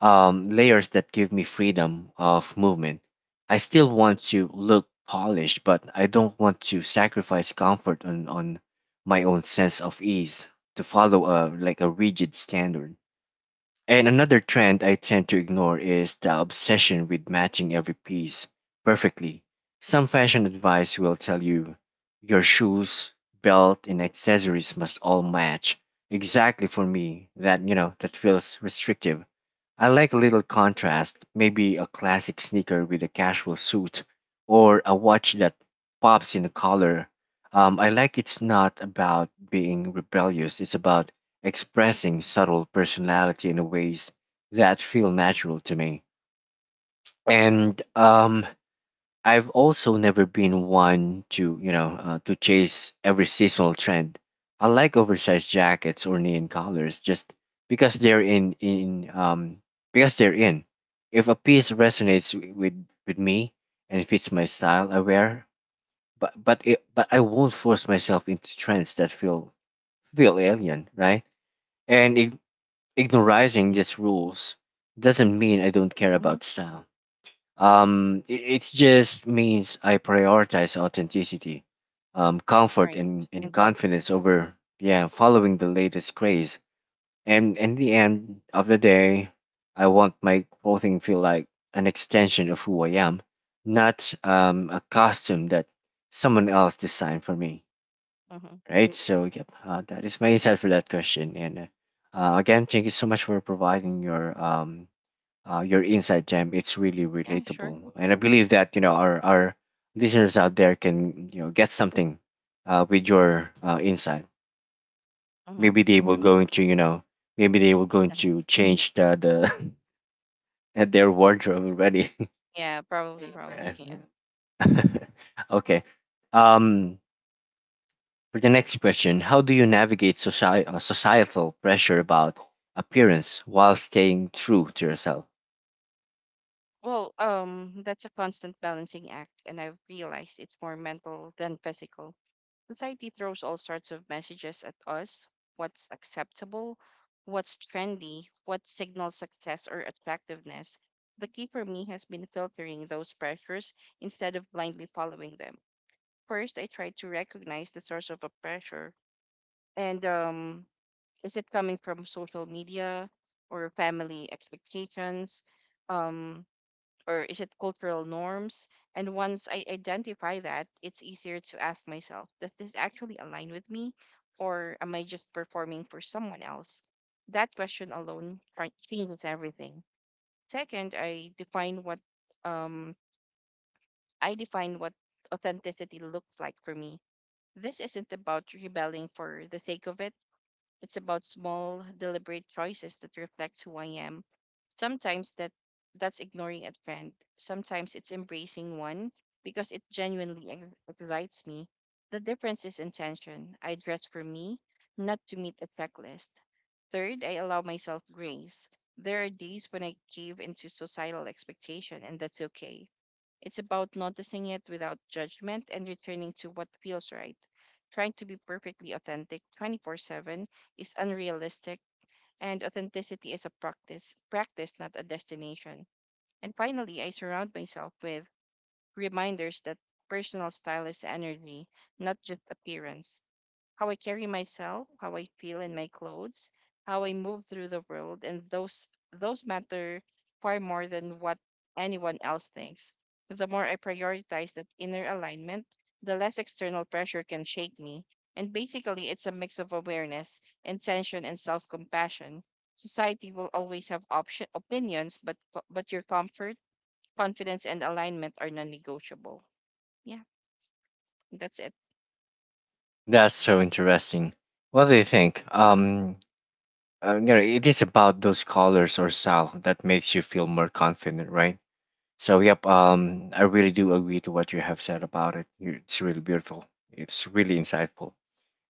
layers that give me freedom of movement. I still want to look polished, but I don't want to sacrifice comfort on my own sense of ease to follow a rigid standard. And another trend I tend to ignore is the obsession with matching every piece perfectly. Some fashion advice will tell you your shoes, belt, and accessories must all match. Exactly for me, that that feels restrictive. I like a little contrast, maybe a classic sneaker with a casual suit, or a watch that pops in a color. I like It's not about being rebellious, it's about expressing subtle personality in ways that feel natural to me. And I've also never been one to, you know, to chase every seasonal trend. I like oversized jackets or neon colors just because they're in because they're in. If a piece resonates with me and fits my style, I wear. But I won't force myself into trends that feel alien, right? And it Ignorizing
Mm-hmm.
these rules doesn't mean I don't care
Mm-hmm.
about style. It just means I prioritize authenticity, comfort,
Right.
and
And comfort.
confidence over yeah following the latest craze. And in the end of the day, I want my clothing feel like an extension of who I am, not a costume that someone else designed for me,
Mm-hmm.
right? So, yep, that is my insight for that question. And again, thank you so much for providing your insight, Jam. It's really
Yeah, sure.
relatable, and I believe that you know our listeners out there can you know get something with your insight.
Mm-hmm.
Maybe they will go into change the their wardrobe already.
Yeah,
Yeah.
probably. Yeah.
Okay. Um. For the next question, how do you navigate societal pressure about appearance while staying true to yourself?
That's a constant balancing act, and I've realized it's more mental than physical. Society throws all sorts of messages at us: what's acceptable, what's trendy, what signals success or attractiveness. The key for me has been filtering those pressures instead of blindly following them. First, I try to recognize the source of a pressure. And Is it coming from social media or family expectations? Um, or is it cultural norms? And once I identify that, it's easier to ask myself, does this actually align with me? Or am I just performing for someone else? That question alone changes everything. Second, um, I define what authenticity looks like for me. This isn't about rebelling for the sake of it. It's about small, deliberate choices that reflects who I am. Sometimes that that's ignoring a trend. Sometimes it's embracing one because it genuinely excites me. The difference is intention. I dress for me, not to meet a checklist. Third, I allow myself grace. There are days when I cave into societal expectation, and that's okay. It's about noticing it without judgment and returning to what feels right. Trying to be perfectly authentic 24/7 is unrealistic, and authenticity is a practice, not a destination. And finally, I surround myself with reminders that personal style is energy, not just appearance: how I carry myself, how I feel in my clothes, how I move through the world, and those matter far more than what anyone else thinks. The more I prioritize that inner alignment, the less external pressure can shake me. And basically, it's a mix of awareness, intention, and self-compassion. Society will always have option opinions, but your comfort, confidence, and alignment are non-negotiable. Yeah, that's it.
That's so interesting. What do you think? You know, it is about those colors or style that makes you feel more confident, right? So, yep, I really do agree to what you have said about it. You- It's really beautiful. It's really insightful.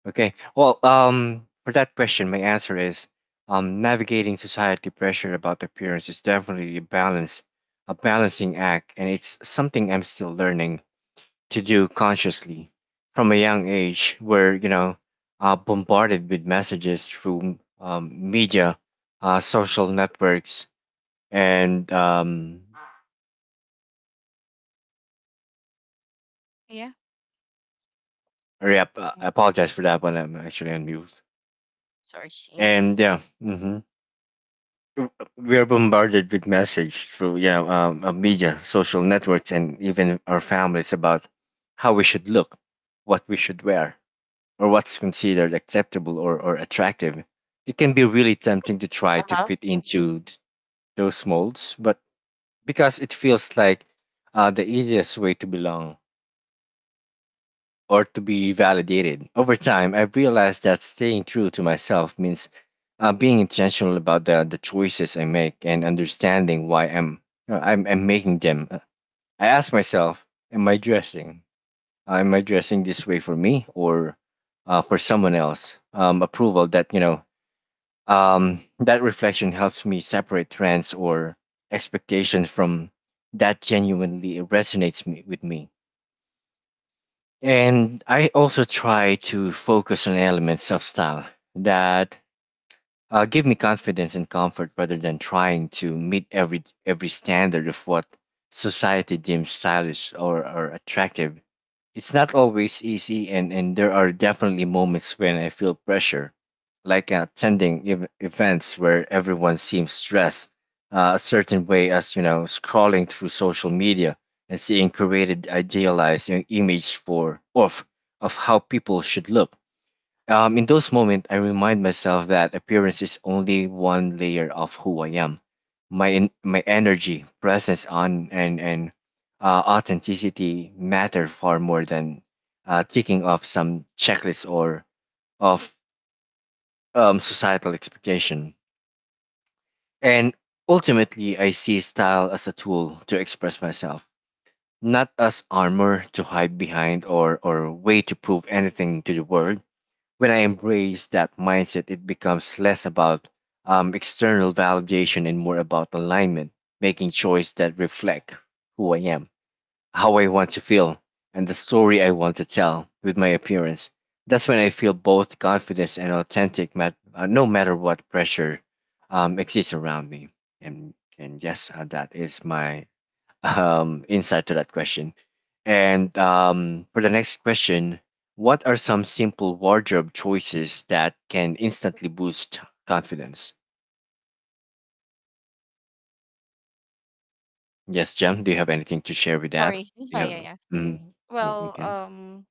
Okay. Well, for that question, my answer is navigating society pressure about appearance is definitely a balance, a balancing act, and it's something I'm still learning to do consciously from a young age, where you know, bombarded with messages through media, social networks, and
Yeah.
yep, I
Yeah.
apologize for that one. I'm actually on mute.
Sorry. Yeah.
And yeah, mm-hmm, we are bombarded with message through media social networks and even our families about how we should look, what we should wear, or what's considered acceptable or attractive. It can be really tempting to try to fit into those molds but because it feels like the easiest way to belong or to be validated. Over time, I've realized that staying true to myself means being intentional about the choices I make and understanding why I'm making them. I ask myself, am I dressing? Am I dressing this way for me or for someone else? Approval that reflection helps me separate trends or expectations from that genuinely resonates me, with me. And I also try to focus on elements of style that give me confidence and comfort rather than trying to meet every standard of what society deems stylish or attractive. It's not always easy, and there are definitely moments when I feel pressure, like attending events where everyone seems stressed a certain way, as you know, scrolling through social media and seeing created idealized image for of how people should look. In those moments, I remind myself that appearance is only one layer of who I am. My energy, presence, on and authenticity matter far more than ticking off some checklist or of societal expectation. And ultimately, I see style as a tool to express myself, not as armor to hide behind or way to prove anything to the world. When I embrace that mindset, it becomes less about external validation and more about alignment, making choices that reflect who I am, how I want to feel, and the story I want to tell with my appearance. That's when I feel both confidence and authentic, no matter what pressure exists around me. And yes, that is my insight to that question. And for the next question, what are some simple wardrobe choices that can instantly boost confidence? Yes, Jem, do you have anything to share with that?
Sorry.
Do you have?
Yeah.
Mm, mm,
Well,
okay,
um,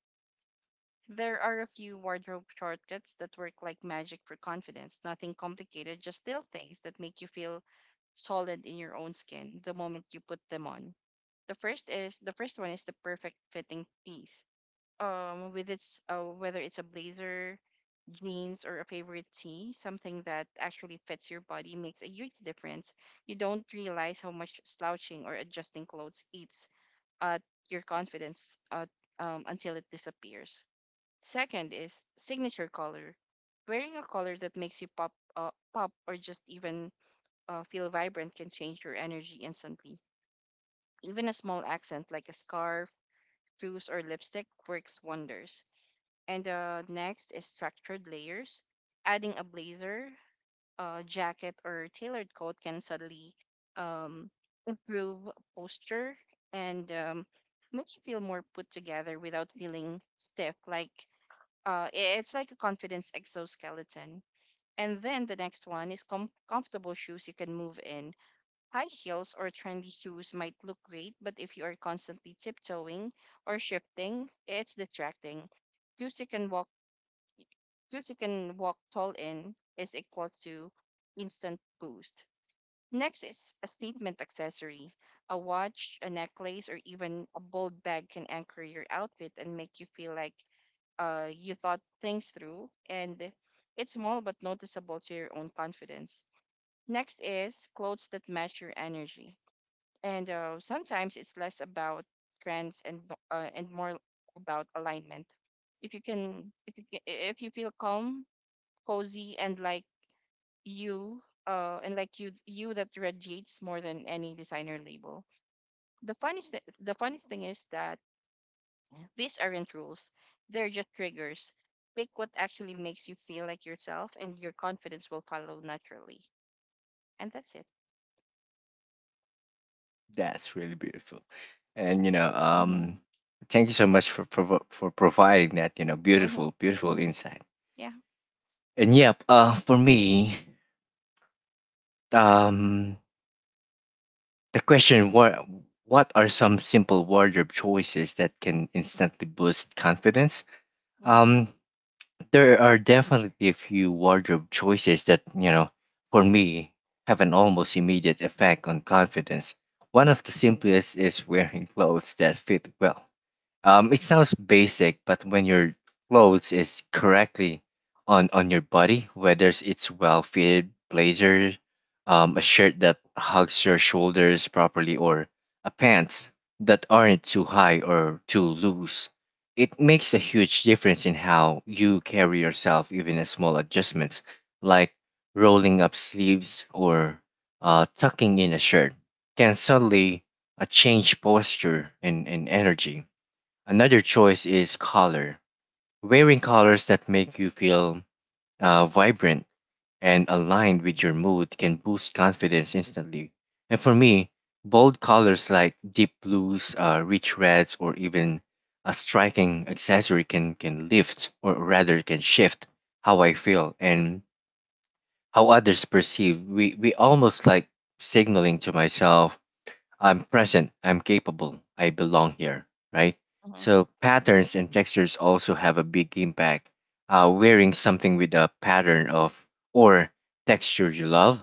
there are a few wardrobe shortcuts that work like magic for confidence. Nothing complicated, just little things that make you feel solid in your own skin the moment you put them on. The first one is the perfect fitting piece. With its Whether it's a blazer, jeans, or a favorite tee, something that actually fits your body makes a huge difference. You don't realize how much slouching or adjusting clothes eats at your confidence until it disappears. Second is signature color. Wearing a color that makes you pop, or just even feel vibrant can change your energy instantly. Even a small accent like a scarf, shoes, or lipstick works wonders. And next is structured layers. Adding a blazer, jacket, or tailored coat can suddenly um, improve posture and make you feel more put together without feeling stiff. It's like a confidence exoskeleton. And then the next one is comfortable shoes you can move in. High heels or trendy shoes might look great, but if you are constantly tiptoeing or shifting, it's distracting. Shoes you can walk, Shoes you can walk tall in is equal to instant boost. Next is a statement accessory. A watch, a necklace, or even a bold bag can anchor your outfit and make you feel like you thought things through. And it's small but noticeable to your own confidence. Next is clothes that match your energy. And sometimes it's less about trends and more about alignment. If you feel calm, cozy, and like you, that radiates more than any designer label. The funniest thing is that these aren't rules, they're just triggers. Pick what actually makes you feel like yourself, and your confidence will follow naturally. And that's it.
that's really beautiful. And you know,
Hmm.
thank you so much for for providing that
Hmm.
beautiful, beautiful insight.
Yeah.
And yep, for me, um, the question, what are some simple wardrobe choices that can instantly boost confidence?
Hmm.
Um there are definitely a few wardrobe choices that, you know, for me have an almost immediate effect on confidence. One of the simplest is wearing clothes that fit well. Um, it sounds basic, but when your clothes is correctly on your body, whether it's well fitted blazer, a shirt that hugs your shoulders properly, or a pants that aren't too high or too loose, it makes a huge difference in how you carry yourself. Even a small adjustments like rolling up sleeves or tucking in a shirt can suddenly change posture and energy. Another choice is color. Wearing colors that make you feel vibrant and aligned with your mood can boost confidence instantly. And for me, bold colors like deep blues, rich reds, or even a striking accessory can lift, or rather, can shift how I feel and how others perceive. We almost like signaling to myself I'm present, I'm capable, I belong here, right?
Hmm.
So patterns and textures also have a big impact. Wearing something with a pattern of or texture you love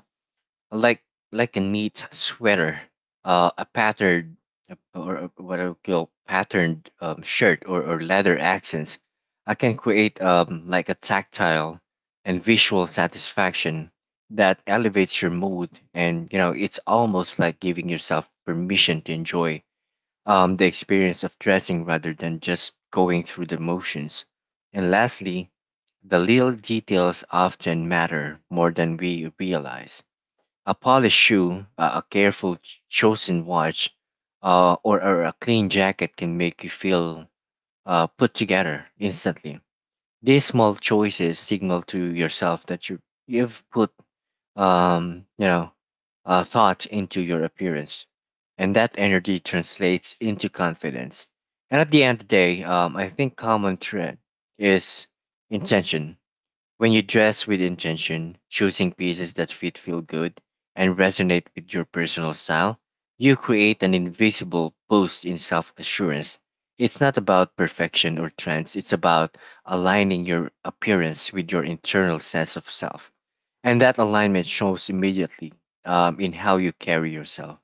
like like a neat sweater, a patterned what I would call patterned shirt, or leather accents. I can create like a tactile and visual satisfaction that elevates your mood, and you know it's almost like giving yourself permission to enjoy the experience of dressing rather than just going through the motions. And lastly, the little details often matter more than we realize. A polished shoe, a careful chosen watch, or a clean jacket can make you feel put together instantly. These small choices signal to yourself that you've put um, you know thought into your appearance, and that energy translates into confidence. And at the end of the day, I think common thread is intention. When you dress with intention, choosing pieces that fit, feel good, and resonate with your personal style, you create an invisible boost in self assurance. It's not about perfection or trends, it's about aligning your appearance with your internal sense of self. And that alignment shows immediately in how you carry yourself.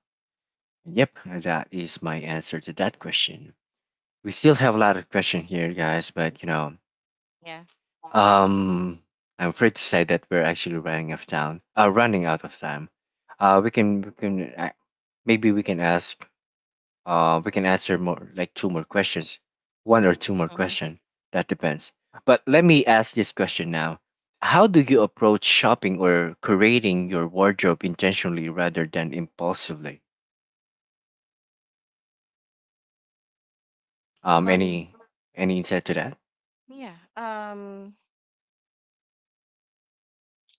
Yep, that is my answer to that question. We still have a lot of questions here, guys, but you know,
yeah
um, I'm afraid to say that we're actually running out of time. Running out of time. We can maybe we can ask. We can answer more like two more questions, one or two more
hmm
question. That depends. But let me ask this question now. How do you approach shopping or curating your wardrobe intentionally rather than impulsively? Um,
um
any any insight to that?
yeah um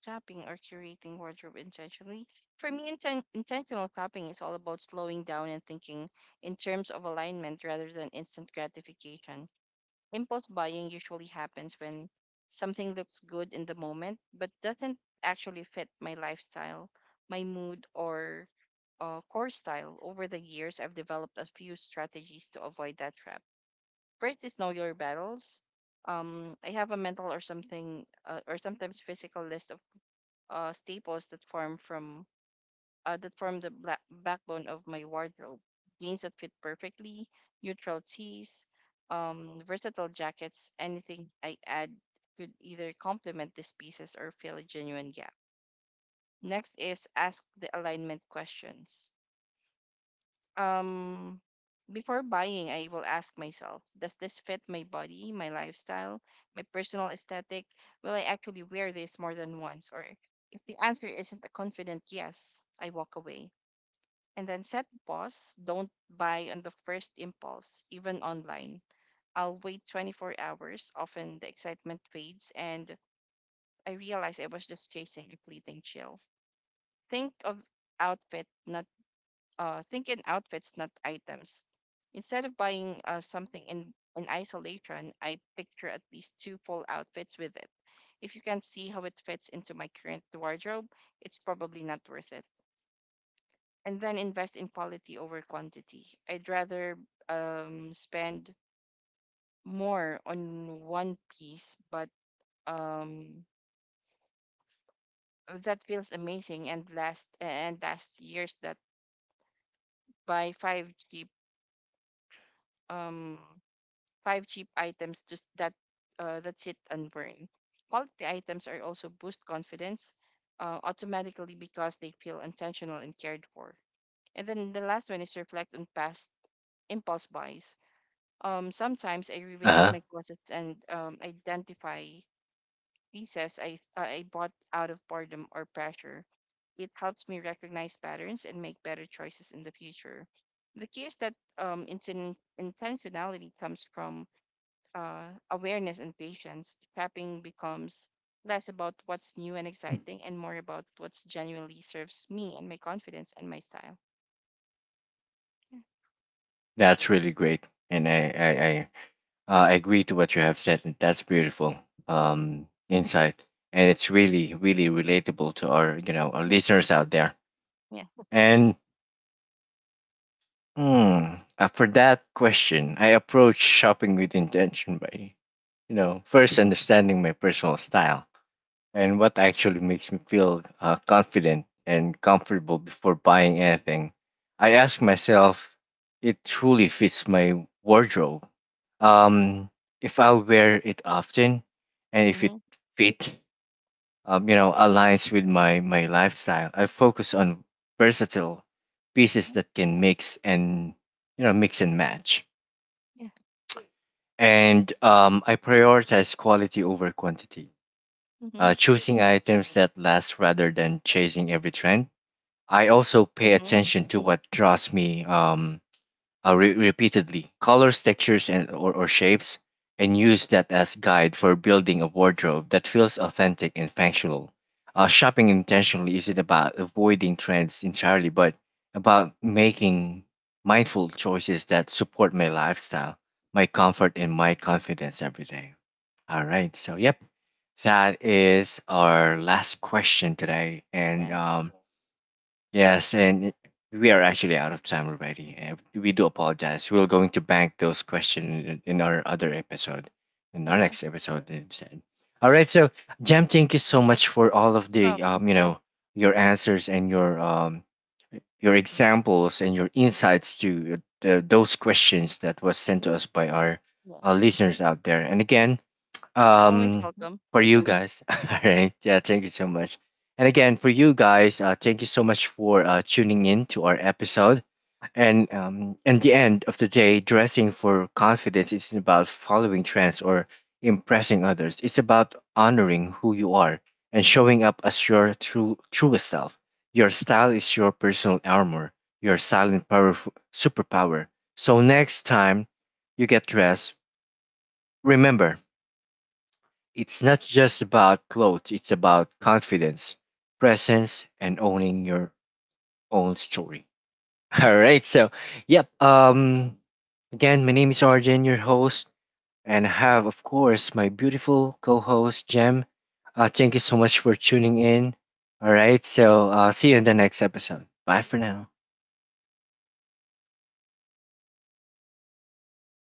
Shopping or curating wardrobe intentionally. For me, intentional shopping is all about slowing down and thinking in terms of alignment rather than instant gratification. Impulse buying usually happens when something looks good in the moment but doesn't actually fit my lifestyle, my mood, or core style. Over the years, I've developed a few strategies to avoid that trap. First is know your battles. I have a mental, or sometimes physical list of staples that form from that form the black backbone of my wardrobe. Jeans that fit perfectly, neutral tees, versatile jackets. Anything I add could either complement these pieces or fill a genuine gap. Next is ask the alignment questions. um Before buying, I will ask myself, does this fit my body, my lifestyle, my personal aesthetic? Will I actually wear this more than once? Or if the answer isn't a confident yes, I walk away. And then set pause, don't buy on the first impulse. Even online, I'll wait 24 hours. Often the excitement fades and I realize I was just chasing a fleeting chill. think of outfit not think in outfits, not items. Instead of buying something in isolation, I picture at least two full outfits with it. If you can't see how it fits into my current wardrobe, it's probably not worth it. And then invest in quality over quantity. I'd rather spend more on one piece, but um, that feels amazing and last years that buy um five cheap items just that sit and burn. Quality items are also boost confidence automatically because they feel intentional and cared for. And then the last one is reflect on past impulse buys. Sometimes I
Uh
revisit
huh.
my closets and identify pieces I bought out of boredom or pressure. It helps me recognize patterns and make better choices in the future. The key is that intentionality comes from awareness and patience. Shopping becomes less about what's new and exciting and more about what's genuinely serves me and my confidence and my style. Yeah.
That's really great, and I agree to what you have said. And That's beautiful insight, and it's really, really relatable to our, you know, our
Yeah.
listeners out there.
Yeah.
And mm, after that question, I approach shopping with intention by, you know, first understanding my personal style and what actually makes me feel confident and comfortable before buying anything. I ask myself, it truly fits my wardrobe. Um, if I'll wear it often, and if it
Mm-hmm.
fit, you know, aligns with my lifestyle. I focus on versatile pieces that can mix and you know mix and match.
Yeah.
And I prioritize quality over quantity,
Mm-hmm.
choosing items that last rather than chasing every trend. I also pay
Mm-hmm.
attention to what draws me repeatedly, colors, textures, or shapes, and use that as guide for building a wardrobe that feels authentic and functional. Shopping intentionally isn't about avoiding trends entirely, but about making mindful choices that support my lifestyle, my comfort, and my confidence every day. All right. So, yep, that is our last question today. And
Yeah.
um, yes, and we are actually out of time already. We do apologize. We're going to bank those questions in our other episode, in our
Yeah.
next episode instead. All right. So, Jam, thank you so much for all of
You're
the,
welcome.
you know, your answers and your examples and your insights to those questions that was sent to us by our
Yeah.
listeners out there. And again,
Always
um,
welcome.
for you guys. All right. Yeah, thank you so much. And again, for you guys, thank you so much for tuning in to our episode. And in the end of the day, dressing for confidence isn't about following trends or impressing others. It's about honoring who you are and showing up as your truest self. Your style is your personal armor, your silent powerful superpower. So next time you get dressed, remember it's not just about clothes, it's about confidence, presence, and owning your own story. All right. So, yep. Again, my name is Arjun, your host, and I have, of course, my beautiful co host, Jem. Thank you so much for tuning in. All right. So, see you in the next episode. Bye for now.